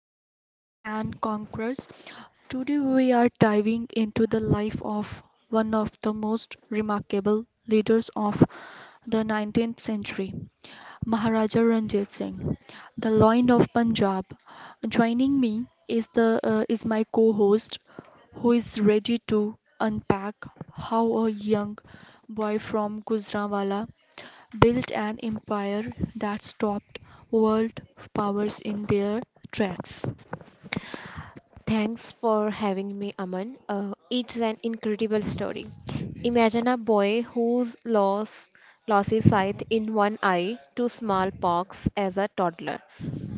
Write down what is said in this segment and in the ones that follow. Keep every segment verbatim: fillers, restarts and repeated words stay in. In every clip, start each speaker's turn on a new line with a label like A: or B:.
A: of Kings and Conquerors. Today we are diving into the life of one of the most remarkable leaders of the nineteenth century, Maharaja Ranjit Singh, the Lion of Punjab. Joining me is the uh, is my co-host who is ready to unpack how a young boy from Gujranwala built an empire that stopped world powers in their tracks.
B: Thanks for having me, Aman. Uh, it's an incredible story. Imagine a boy who's lost lost his sight in one eye to smallpox as a toddler.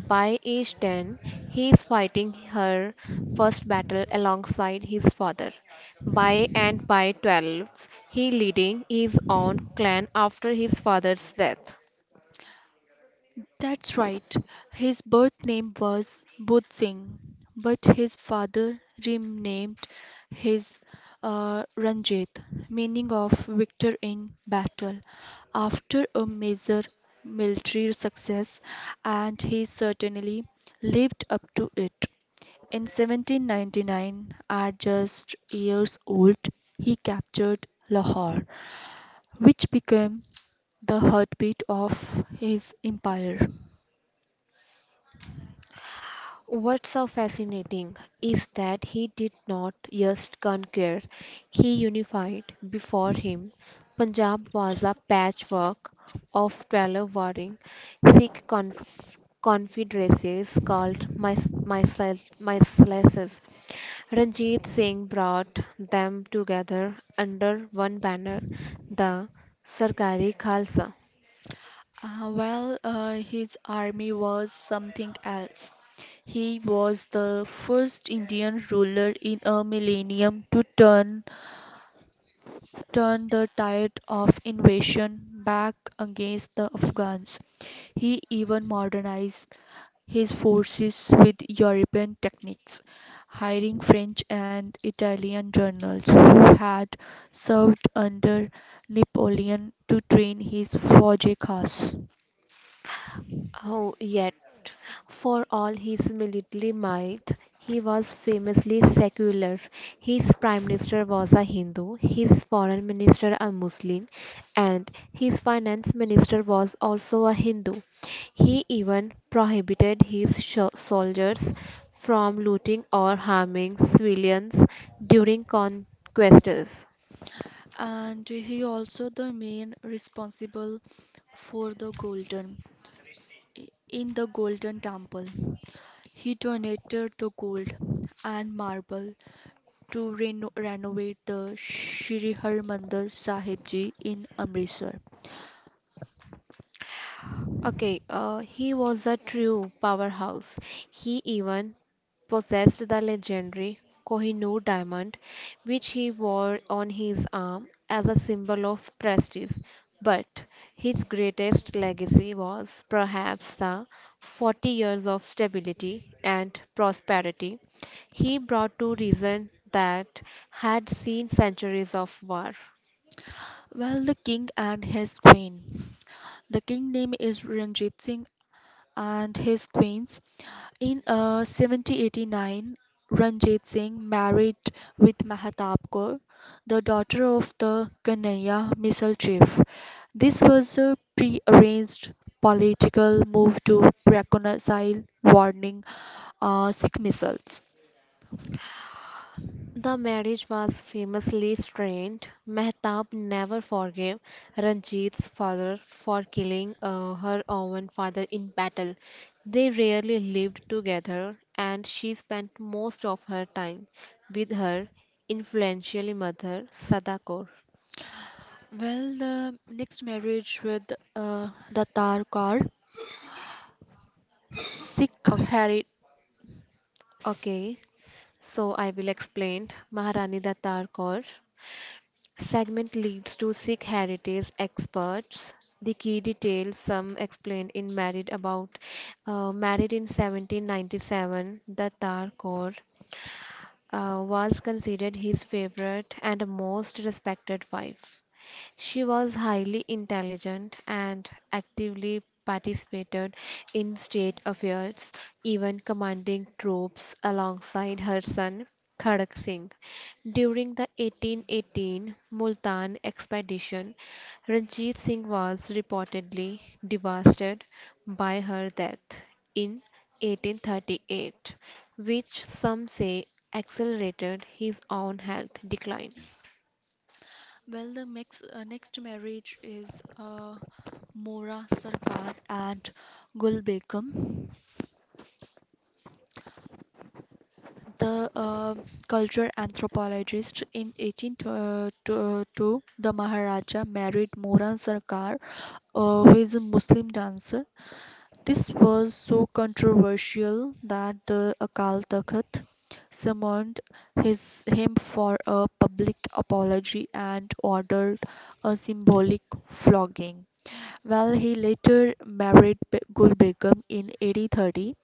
B: By age ten, he's fighting her first battle alongside his father. By and by twelve, he leading his own clan after his father's death.
A: That's right, his birth name was Budh Singh, but his father renamed his uh, Ranjit, meaning of victor in battle. After a major military success, and he certainly lived up to it. In seventeen ninety-nine, at just years old, he captured Lahore, which became the heartbeat of his empire.
B: What's so fascinating is that he did not just conquer, he unified. Before him, Punjab was a patchwork of twelve warring Sikh conf- confederacies called Mis- Misla- Mislaces. Ranjit Singh brought them together under one banner, the Sarkari Khalsa.
A: Uh, well, uh, his army was something else. He was the first Indian ruler in a millennium to turn turn the tide of invasion back against the Afghans. He even modernized his forces with European techniques, hiring French and Italian generals who had served under Napoleon to train his Faujas.
B: Oh, yet, for all his military might, he was famously secular. His prime minister was a Hindu, his foreign minister a Muslim, and his finance minister was also a Hindu. He even prohibited his sho- soldiers from looting or harming civilians during conquests.
A: And he also the main responsible for the golden in the golden temple. He donated the gold and marble to reno- renovate the Shri Harmandir Sahib Ji in Amritsar.
B: Okay, uh, he was a true powerhouse. He even possessed the legendary Kohinoor diamond, which he wore on his arm as a symbol of prestige. But his greatest legacy was perhaps the forty years of stability and prosperity he brought to region that had seen centuries of war.
A: Well, the king and his queen. The king name is Ranjit Singh and his queen's. In uh, seventeen eighty-nine, Ranjit Singh married with Mahatap Kaur, the daughter of the Kanhaiya missile chief. This was a pre-arranged political move to reconcile warning uh, Sikh missiles.
B: The marriage was famously strained. Mehtab never forgave Ranjit's father for killing uh, her own father in battle. They rarely lived together, and she spent most of her time with her influential mother, Sada Kaur.
A: Well, the next marriage with uh, Datar Kaur, Sikh
B: O-
A: heritage.
B: Okay, so I will explain Maharani Datar Kaur. Segment leads to Sikh heritage experts. The key details some explained in married about uh, married in seventeen ninety-seven. The Tar Kaur uh, was considered his favorite and most respected wife. She was highly intelligent and actively participated in state affairs, even commanding troops alongside her son Khadak Singh. During the eighteen eighteen Multan expedition, Ranjit Singh was reportedly devastated by her death in eighteen thirty-eight, which some say accelerated his own health decline.
A: Well, the next, uh, next marriage is uh, Mora Sarkar and Gul Begum, the uh, culture anthropologist. In eighteen twenty-two, the Maharaja married Mora Sarkar, uh, who is a Muslim dancer. This was so controversial that the Akal Takht summoned his him for a public apology and ordered a symbolic flogging. while he later married Be- Gul Begum in eighteen thirty,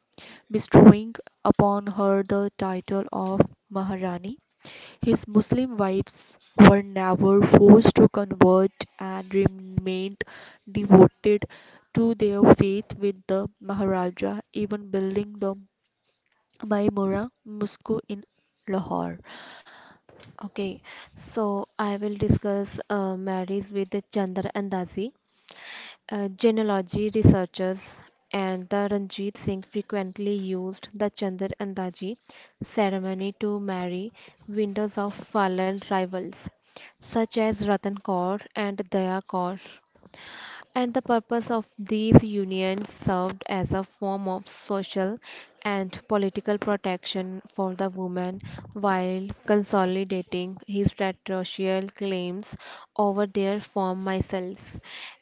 A: bestowing upon her the title of Maharani. His Muslim wives were never forced to convert and remained devoted to their faith with the Maharaja, even building the Maimura Mosque in Lahore.
B: Okay, so I will discuss uh, marriage with Chandra Andazi. Uh, genealogy researchers and the Ranjit Singh frequently used the Chandra Andazi ceremony to marry widows of fallen rivals, such as Ratan Kaur and Daya Kaur and the purpose of these unions served as a form of social and political protection for the woman while consolidating his territorial claims over their former vassals.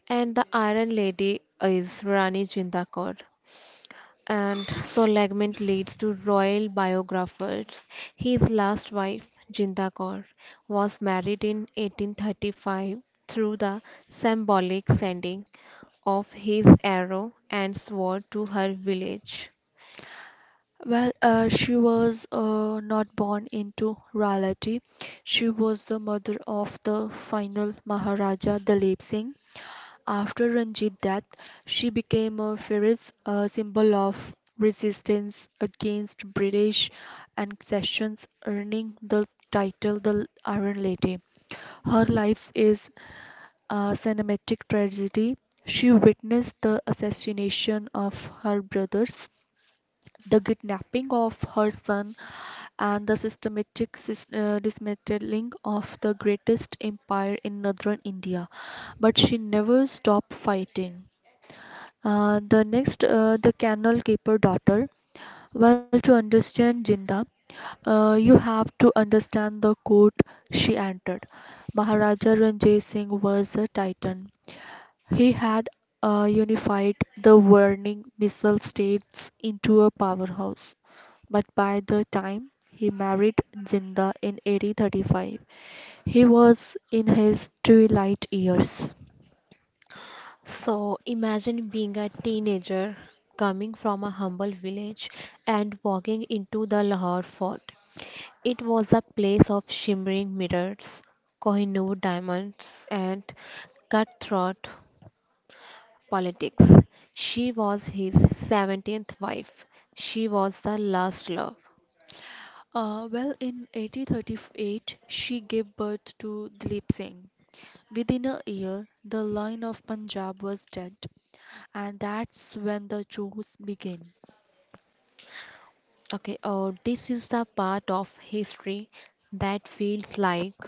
B: And the Iron Lady is Rani Jinda Kaur and so Legment leads to royal biographers. His last wife, Jinda Kaur, was married in eighteen thirty-five through the symbolic sending of his arrow and sword to her village.
A: Well, uh, she was uh, not born into royalty. She was the mother of the final Maharaja Dalip Singh. After Ranjit's death, she became a fierce uh, symbol of resistance against British concessions, earning the title the Iron Lady. Her life is a cinematic tragedy. She witnessed the assassination of her brothers, the kidnapping of her son and the systematic sis- uh, dismantling of the greatest empire in northern India. But she never stopped fighting. Uh, the next, uh, the canal keeper daughter. Well, to understand Jinda, uh, you have to understand the court she entered. Maharaja Ranjit Singh was a titan. He had uh, unified the warring missile states into a powerhouse. But by the time he married Jinda in eighteen thirty-five, he was in his twilight years.
B: So imagine being a teenager coming from a humble village and walking into the Lahore fort. It was a place of shimmering mirrors, Kohinoor diamonds, and cutthroat politics. She was his seventeenth wife. She was the last love.
A: Uh, well, in eighteen thirty-eight, she gave birth to Dilip Singh. Within a year, the line of Punjab was dead, and that's when the chores began.
B: Okay. Oh, this is the part of history that feels like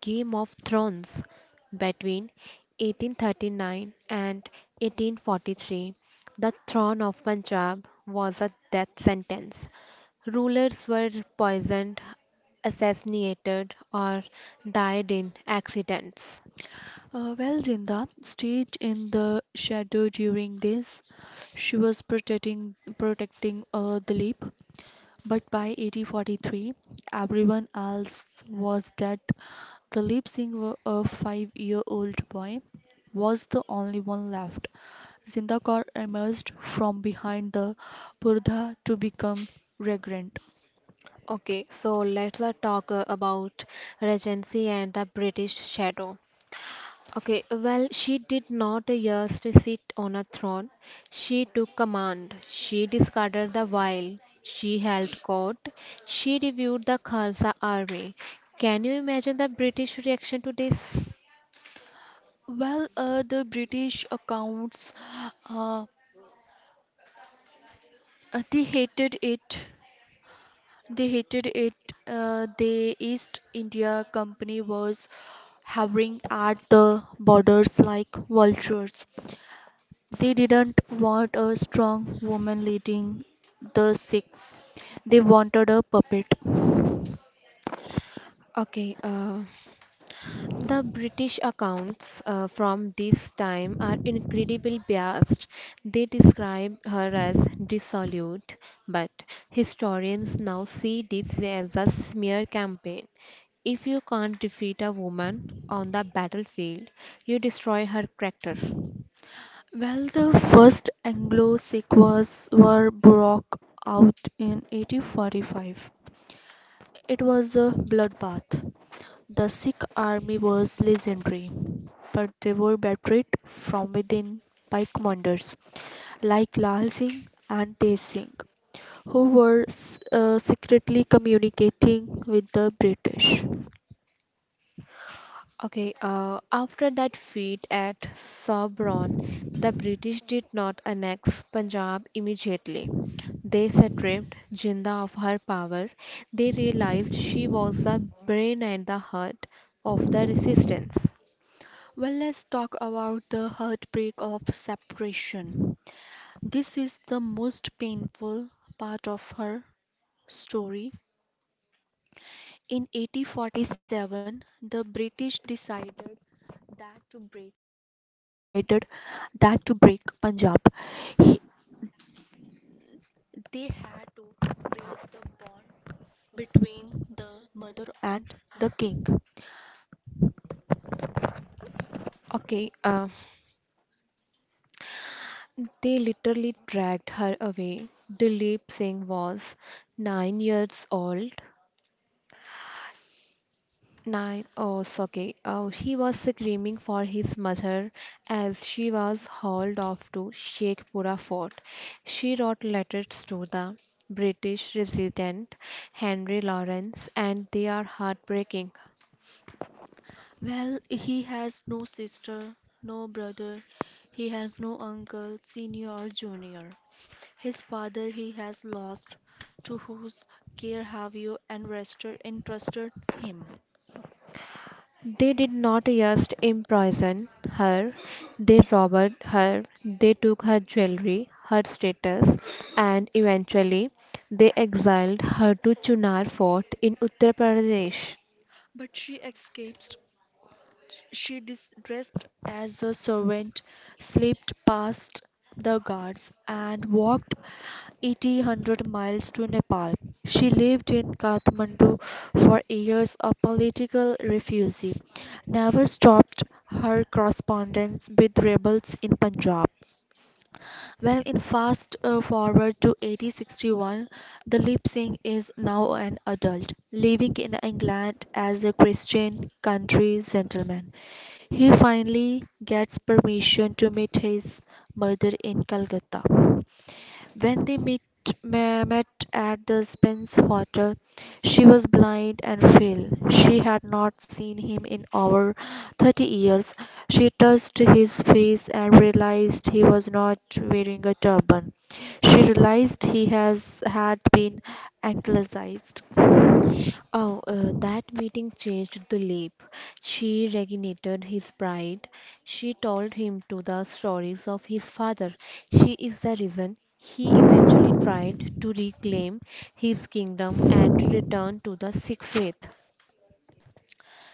B: Game of Thrones between eighteen thirty-nine and eighteen forty-three. The throne of Punjab was a death sentence. Rulers were poisoned, assassinated, or died in accidents.
A: Uh, well, Jinda stayed in the shadow during this. She was protecting protecting uh, Dilip. But by eighteen forty-three, everyone else was dead. The lip singer, a five year old boy, was the only one left. Zinda Kaur emerged from behind the purdah to become regnant.
B: Okay, so let's uh, talk uh, about Regency and the British Shadow. Okay, well, she did not just sit on a throne. She took command. She discarded the veil. She held court. She reviewed the Khalsa army. Can you imagine the British reaction to this?
A: Well, uh, the British accounts, uh, uh, they hated it. They hated it. Uh, the East India Company was hovering at the borders like vultures. They didn't want a strong woman leading the Sikhs, they wanted a puppet.
B: Okay, uh, The British accounts uh, from this time are incredibly biased. They describe her as dissolute, but historians now see this as a smear campaign. If you can't defeat a woman on the battlefield, you destroy her character.
A: Well, the first Anglo Sikh wars were broke out in eighteen forty-five. It was a bloodbath. The Sikh army was legendary, but they were betrayed from within by commanders like Lal Singh and Tej Singh, who were s- uh, secretly communicating with the British.
B: Okay, uh, after that feat at Sobraon, the British did not annex Punjab immediately. They stripped Jinnah of her power. They realized she was the brain and the heart of the resistance.
A: Well, let's talk about the heartbreak of separation. This is the most painful part of her story. In
B: In
A: eighteen forty-seven, the British
B: eighteen forty-seven, the
A: decided
B: British
A: that to
B: decided
A: break.
B: that to break Punjab, he- they had to break the bond between the mother and the king. Okay, uh, they literally dragged her away. Dilip Singh was nine years old. Nine, oh, it's okay. Oh, he was screaming for his mother as she was hauled off to Sheikhpura Fort. She wrote letters to the British resident Henry Lawrence, and they are heartbreaking.
A: Well, he has no sister, no brother, he has no uncle, senior or junior. His father he has lost, to whose care have you entrusted, entrusted him?
B: They did not just imprison her, they robbed her, they took her jewelry, her status, and eventually they exiled her to Chunar Fort in Uttar Pradesh.
A: But she escapes. She dis- dressed as a servant, slipped past the guards, and walked eighteen hundred miles to Nepal. She lived in Kathmandu for years, a political refugee. Never stopped her correspondence with rebels in Punjab. Well, in fast uh, forward to eighteen sixty-one, the lip sync is now an adult, living in England as a Christian country gentleman. He finally gets permission to meet his mother in Calcutta. When they meet, ma- met at the Spence Hotel, she was blind and frail. She had not seen him in over thirty years. She touched his face and realized he was not wearing a turban. She realized he has had been anglicized.
B: Oh, uh, that meeting changed the leap. She reignited his pride. She told him to the stories of his father. She is the reason he eventually tried to reclaim his kingdom and return to the Sikh faith.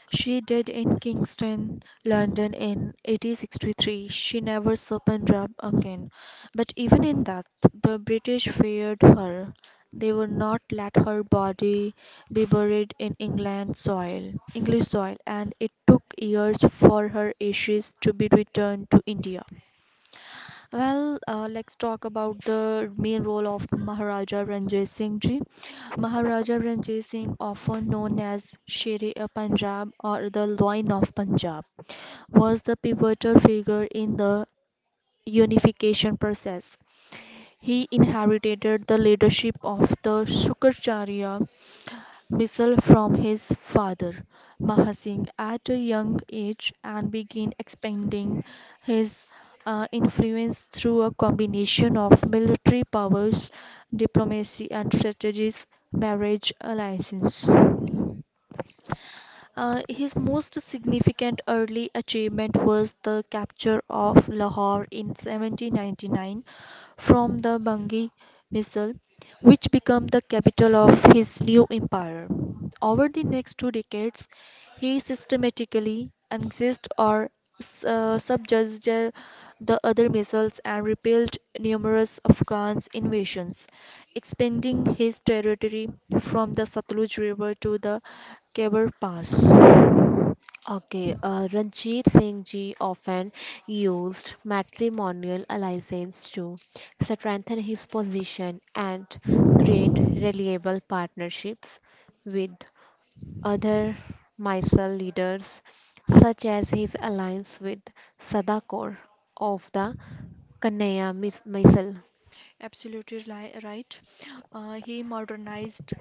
A: She died in Kingston, London in eighteen sixty-three. She never opened up again, but even in that, the British feared her. They would not let her body be buried in England soil, English soil, and it took years for her ashes to be returned to India. Well, uh, let's talk about the main role of Maharaja Ranjit Singh ji. Maharaja Ranjit Singh, often known as Sher e Punjab or the Lion of Punjab, was the pivotal figure in the unification process. He inherited the leadership of the Shukracharya missile from his father Maha Singh at a young age and began expanding his uh, influence through a combination of military powers, diplomacy, and strategies, marriage alliances. Uh, his most significant early achievement was the capture of Lahore in seventeen ninety-nine from the Bangi missile, which became the capital of his new empire. Over the next two decades, he systematically annexed or uh, subjuged the other missiles and repelled numerous Afghan invasions, expanding his territory from the Satluj River to the Khyber Pass.
B: Okay, uh, Ranjit Singh ji often used matrimonial alliances to strengthen his position and create reliable partnerships with other Mysore leaders, such as his alliance with Sadakor of the Kannaya mis- missile.
A: Absolutely li- right. Uh, he modernized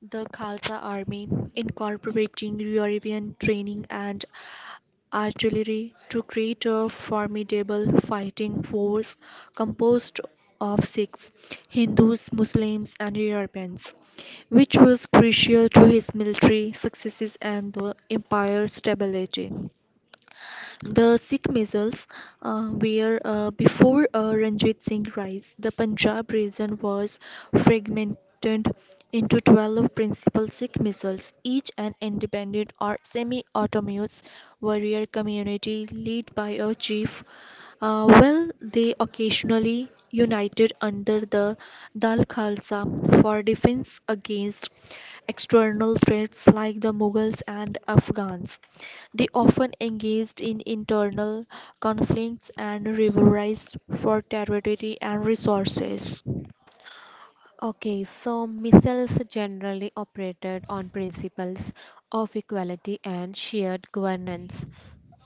A: The Khalsa Army, incorporating European training and artillery to create a formidable fighting force composed of Sikhs, Hindus, Muslims, and Europeans, which was crucial to his military successes and the empire's stability. The Sikh missiles, uh, where uh, before uh, Ranjit Singh rise, the Punjab region was fragmented into twelve principal Sikh missiles, each an independent or semi-autonomous warrior community led by a chief. Uh, well, they occasionally united under the Dal Khalsa for defense against external threats like the Mughals and Afghans. They often engaged in internal conflicts and rivalries for territory and resources.
B: Okay, so missiles generally operated on principles of equality and shared governance,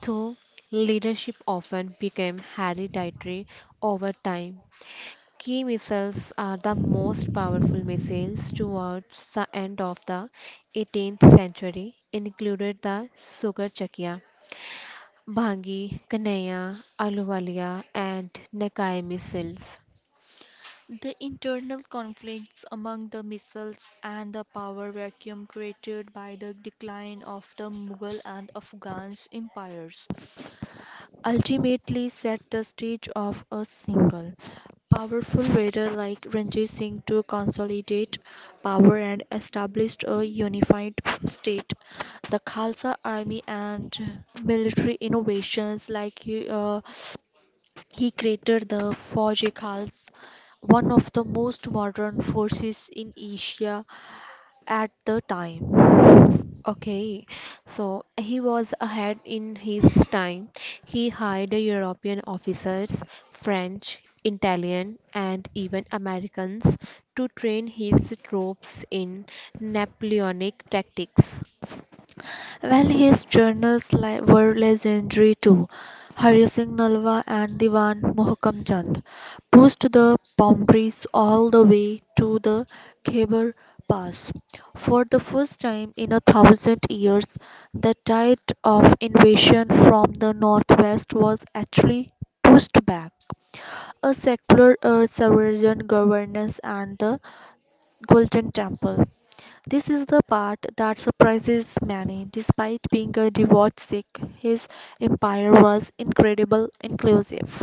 B: though leadership often became hereditary over time, key missiles are the most powerful missiles towards the end of the eighteenth century, included the Sugarchakya, Bhangi, Kanhaiya, Aluwalia, and Nakai missiles.
A: The internal conflicts among the missiles and the power vacuum created by the decline of the Mughal and Afghan empires ultimately set the stage of a single powerful leader like Ranjit Singh to consolidate power and establish a unified state. The Khalsa army and military innovations like uh, he created the Fauji Khals, one of the most modern forces in Asia at the time.
B: Okay, so he was ahead in his time. He hired European officers, French, Italian, and even Americans to train his troops in Napoleonic tactics.
A: Well, his journals li- were legendary too. Hari Singh Nalwa and Diwan Mohkam Chand pushed the boundaries all the way to the Khyber Pass. For the first time in a thousand years, the tide of invasion from the northwest was actually pushed back. A secular uh, Saracen governance and the Golden Temple. This is the part that surprises many. Despite being a devout Sikh, his empire was incredible, inclusive.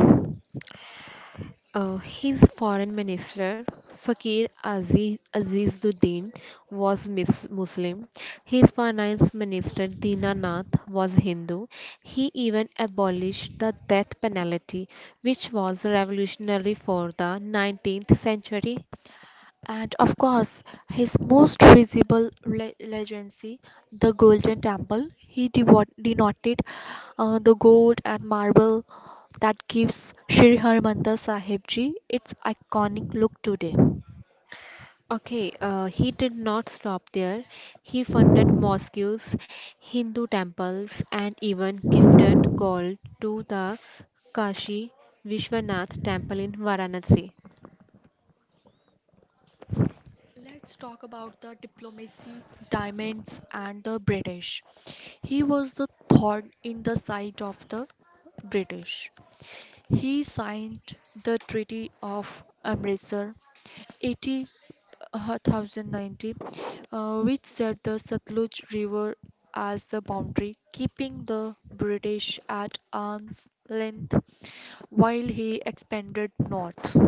B: Uh, his foreign minister, Fakir Aziz, Azizuddin, was mis- Muslim. His finance minister, Dinanath, was Hindu. He even abolished the death penalty, which was revolutionary for the nineteenth century.
A: And of course, his most visible le- legacy, the Golden Temple, he devo- denoted uh, the gold and marble that gives Sri Harmandir Sahib Ji its iconic look today.
B: Okay, uh, he did not stop there. He funded mosques, Hindu temples, and even gifted gold to the Kashi Vishwanath temple in Varanasi.
A: Let's talk about the diplomacy, diamonds, and the British. He was the thorn in the side of the British. He signed the Treaty of Amritsar eighty, uh, ten ninety, uh, which set the Satluj River as the boundary, keeping the British at arm's length while he expanded north.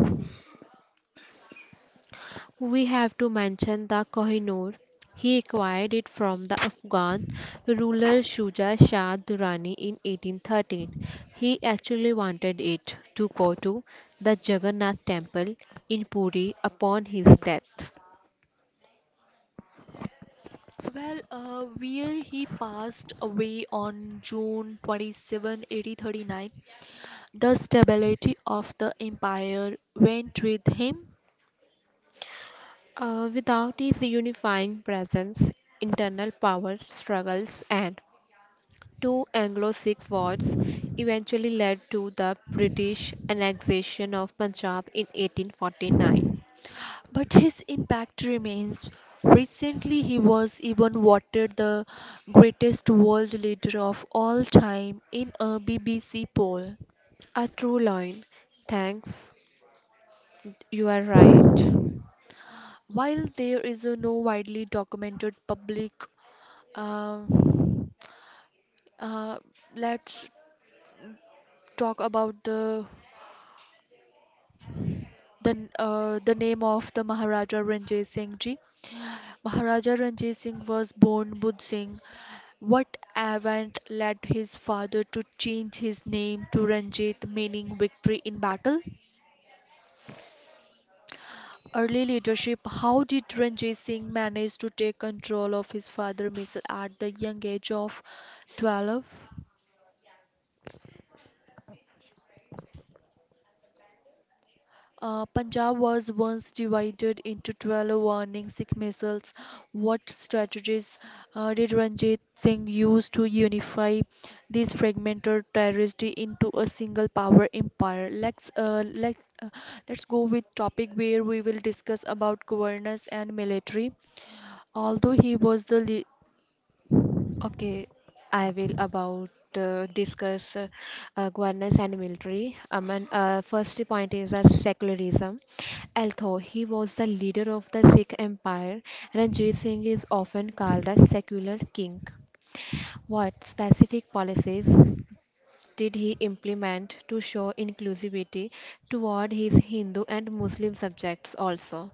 B: We have to mention the Kohinoor. He acquired it from the Afghan ruler Shuja Shah Durrani in eighteen thirteen. He actually wanted it to go to the Jagannath temple in Puri upon his death.
A: Well, uh, where he passed away on June twenty-seventh, eight thousand thirty-nine, the stability of the empire went with him,
B: Uh, without his unifying presence, internal power struggles and two Anglo-Sikh wars eventually led to the British annexation of Punjab in eighteen forty-nine.
A: but his impact remains. Recently, he was even voted the greatest world leader of all time in a B B C poll.
B: A true line. Thanks. You are right.
A: While there is a no widely documented public, uh, uh, let's talk about the The, n- uh, the name of the Maharaja Ranjit Singh ji. Maharaja Ranjit Singh was born Bud Singh. What event led his father to change his name to Ranjit, meaning victory in battle? Early leadership. How did Ranjit Singh manage to take control of his father's missile at the young age of twelve? Uh, Punjab was once divided into twelve warning Sikh missiles. What strategies uh, did Ranjit Singh use to unify this fragmented territory into a single power empire? Let's uh, let uh, let's go with topic where we will discuss about governance and military. Although he was the lea-
B: Okay, I will about uh, discuss uh, uh, governance and military. Um, and, uh, first point is uh, secularism. Although he was the leader of the Sikh Empire, Ranjit Singh is often called a secular king. What specific policies did he implement to show inclusivity toward his Hindu and Muslim subjects also?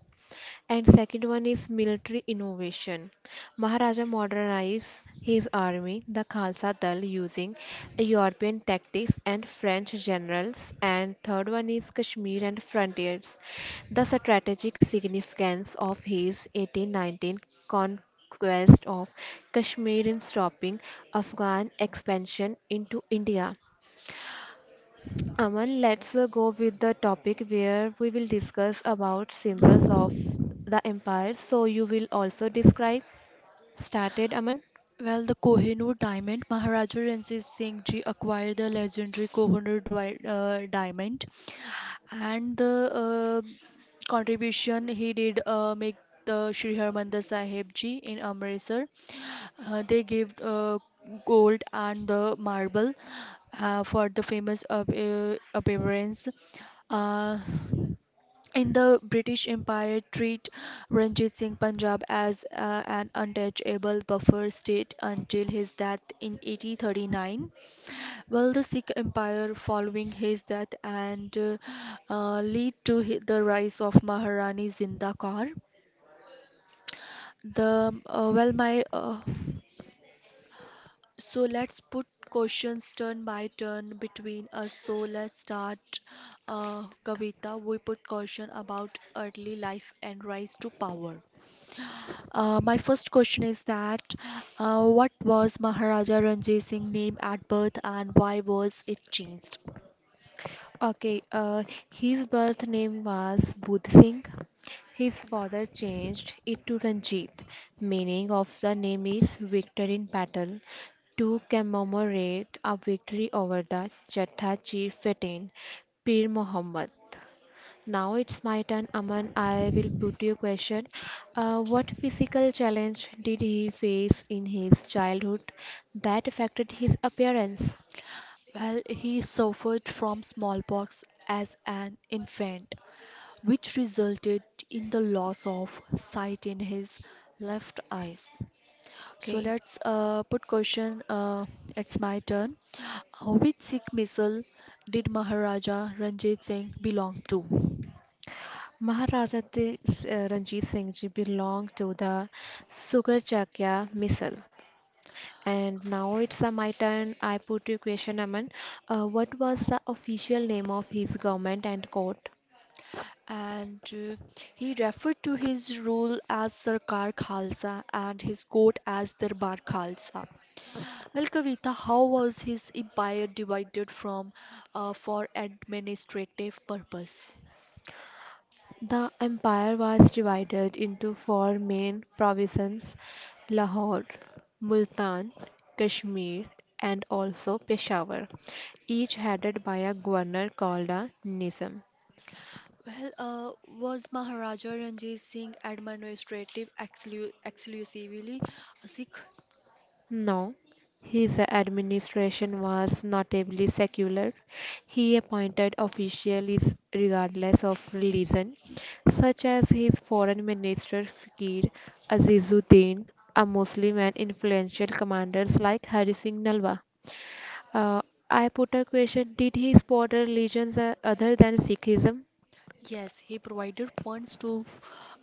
B: And second one is military innovation. Maharaja modernized his army, the Khalsa Dal, using European tactics and French generals. And third one is Kashmir and frontiers. The strategic significance of his eighteen nineteen conquest of Kashmir in stopping Afghan expansion into India. Aman, let's uh, go with the topic where we will discuss about symbols of the empire. So you will also describe. Started, Aman.
A: well, the Kohinoor diamond, Maharaja Ranjit Singh ji acquired the legendary Kohinoor dwi- uh, diamond and the uh, contribution he did uh, make the Shri Harmandir Sahib Ji in Amritsar. Uh, they gave uh, gold and the marble uh, for the famous ap- uh, appearance. Uh, in the British Empire, treat Ranjit Singh Punjab as uh, an untouchable buffer state until his death in eighteen thirty-nine. Well, the Sikh Empire following his death and uh, uh, lead to hi- the rise of Maharani Zinda Kaur. The uh, well, my uh, so let's put questions turn by turn between us. So let's start, uh, Kavita. We put question about early life and rise to power. Uh, my first question is that uh, what was Maharaja Ranjit Singh name at birth and why was it changed?
B: Okay, uh, his birth name was Budh Singh. His father changed it to Ranjit. Meaning of the name is victor in battle to commemorate a victory over the Chhatha chief Fatin, Pir Muhammad. Now it's my turn, Aman. I will put you a question. Uh, what physical challenge did he face in his childhood that affected his appearance?
A: Well, he suffered from smallpox as an infant, which resulted in the loss of sight in his left eyes. So
B: Okay.
A: let's uh, put question. Uh, it's my turn. Uh, Which Sikh missile did Maharaja Ranjit Singh belong to?
B: Maharaja Di- uh, Ranjit Singh ji belonged to the Sugarchakya missile. And now it's uh, my turn. I put you question, Aman. Uh, what was the official name of his government and court?
A: And uh, He referred to his rule as Sarkar Khalsa and his court as Darbar Khalsa. Well, Kavita, how was his empire divided from uh, for administrative purpose?
B: The empire was divided into four main provinces Lahore, Multan, Kashmir, and also Peshawar, each headed by a governor called a Nizam.
A: Well, uh, was Maharaja Ranjit Singh administrative exclu- exclusively a Sikh?
B: No, his administration was notably secular. He appointed officials regardless of religion, such as his foreign minister Fakir Azizuddin, a Muslim, and influential commanders like Hari Singh Nalwa. Uh, I put a question: did he support religions uh, other than Sikhism?
A: Yes, he provided funds to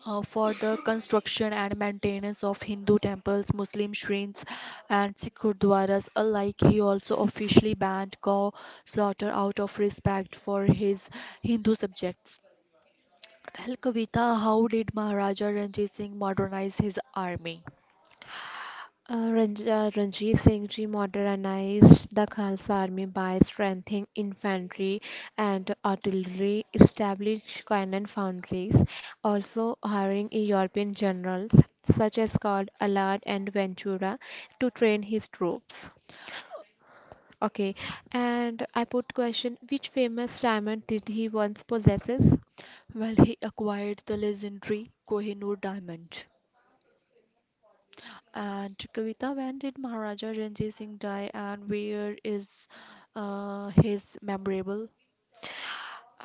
A: uh, for the construction and maintenance of Hindu temples, Muslim shrines, and Sikh gurdwaras alike. He also officially banned cow slaughter out of respect for his Hindu subjects. Well, Kavita, how did Maharaja Ranjit Singh modernize his army?
B: Uh, Ranj- uh, Ranjit Singh ji modernized the Khalsa army by strengthening infantry and artillery, established cannon foundries, also hiring European generals such as called Allard and Ventura to train his troops. Okay, and I put question: which famous diamond did he once possesses?
A: Well, he acquired the legendary Kohinoor diamond. And Kavita, when did Maharaja Ranjit Singh die and where is uh, his memorable?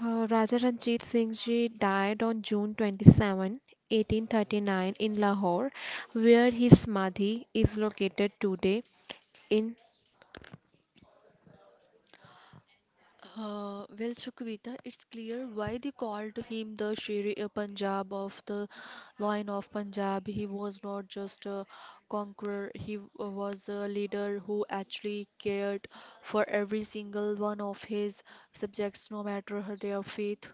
B: Uh, Raja Ranjit Singh ji died on June twenty-seventh, eighteen thirty-nine in Lahore, where his samadhi is located today in
A: Uh, well, Chukwita, it's clear why they called him the Sher uh, Punjab of the Lion of Punjab. He was not just a conqueror, he w- uh, was a leader who actually cared for every single one of his subjects, no matter her- their faith.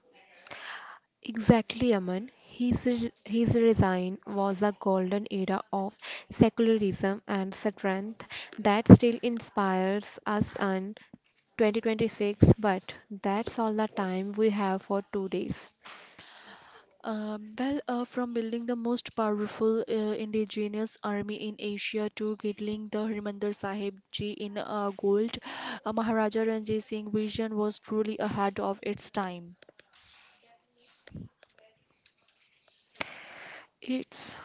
B: exactly Aman. His, re- his resign was a golden era of secularism and strength that still inspires us in twenty twenty-six, but that's all the time we have for two days.
A: Um, well, uh, from building the most powerful uh, indigenous army in Asia to getting the Harimandir Sahib Ji in uh, gold, uh, Maharaja Ranjit Singh's vision was truly ahead of its time.
B: It's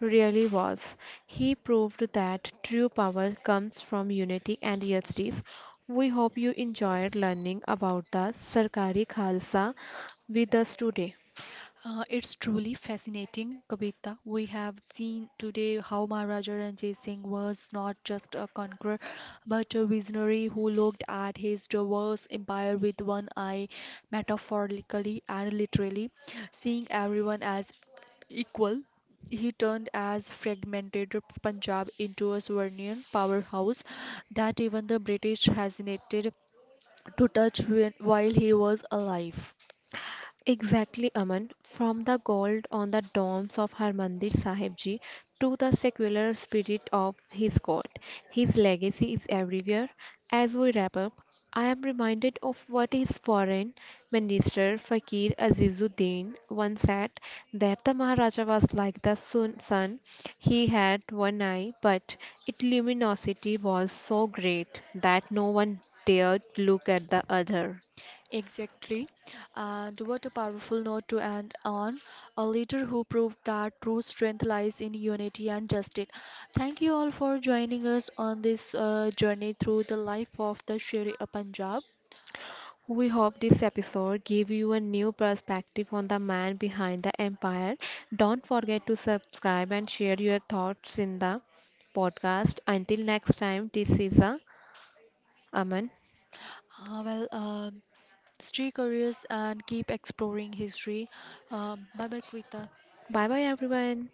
B: really was. He proved that true power comes from unity and justice. We hope you enjoyed learning about the Sarkari Khalsa with us today.
A: Uh, it's truly fascinating, Kavita. We have seen today how Maharaja Ranjit Singh was not just a conqueror, but a visionary who looked at his diverse empire with one eye, metaphorically and literally, seeing everyone as equal. He turned as fragmented Punjab into a sovereign powerhouse that even the British hesitated to touch when, while he was alive.
B: Exactly, Aman. From the gold on the domes of Harmandir Sahib Ji to the secular spirit of his God, his legacy is everywhere. As we wrap up, I am reminded of what his foreign minister Fakir Azizuddin once said that the Maharaja was like the sun. sun. He had one eye, but its luminosity was so great that no one dared look at the other.
A: Exactly. And what a powerful note to end on. A leader who proved that true strength lies in unity and justice. Thank you all for joining us on this uh, journey through the life of the Sher e Punjab.
B: We hope this episode gave you a new perspective on the man behind the empire. Don't forget to subscribe and share your thoughts in the podcast. Until next time, this is a Aman.
A: Uh, well, um stay curious and keep exploring history. Um, bye bye, Kvita.
B: Bye bye everyone.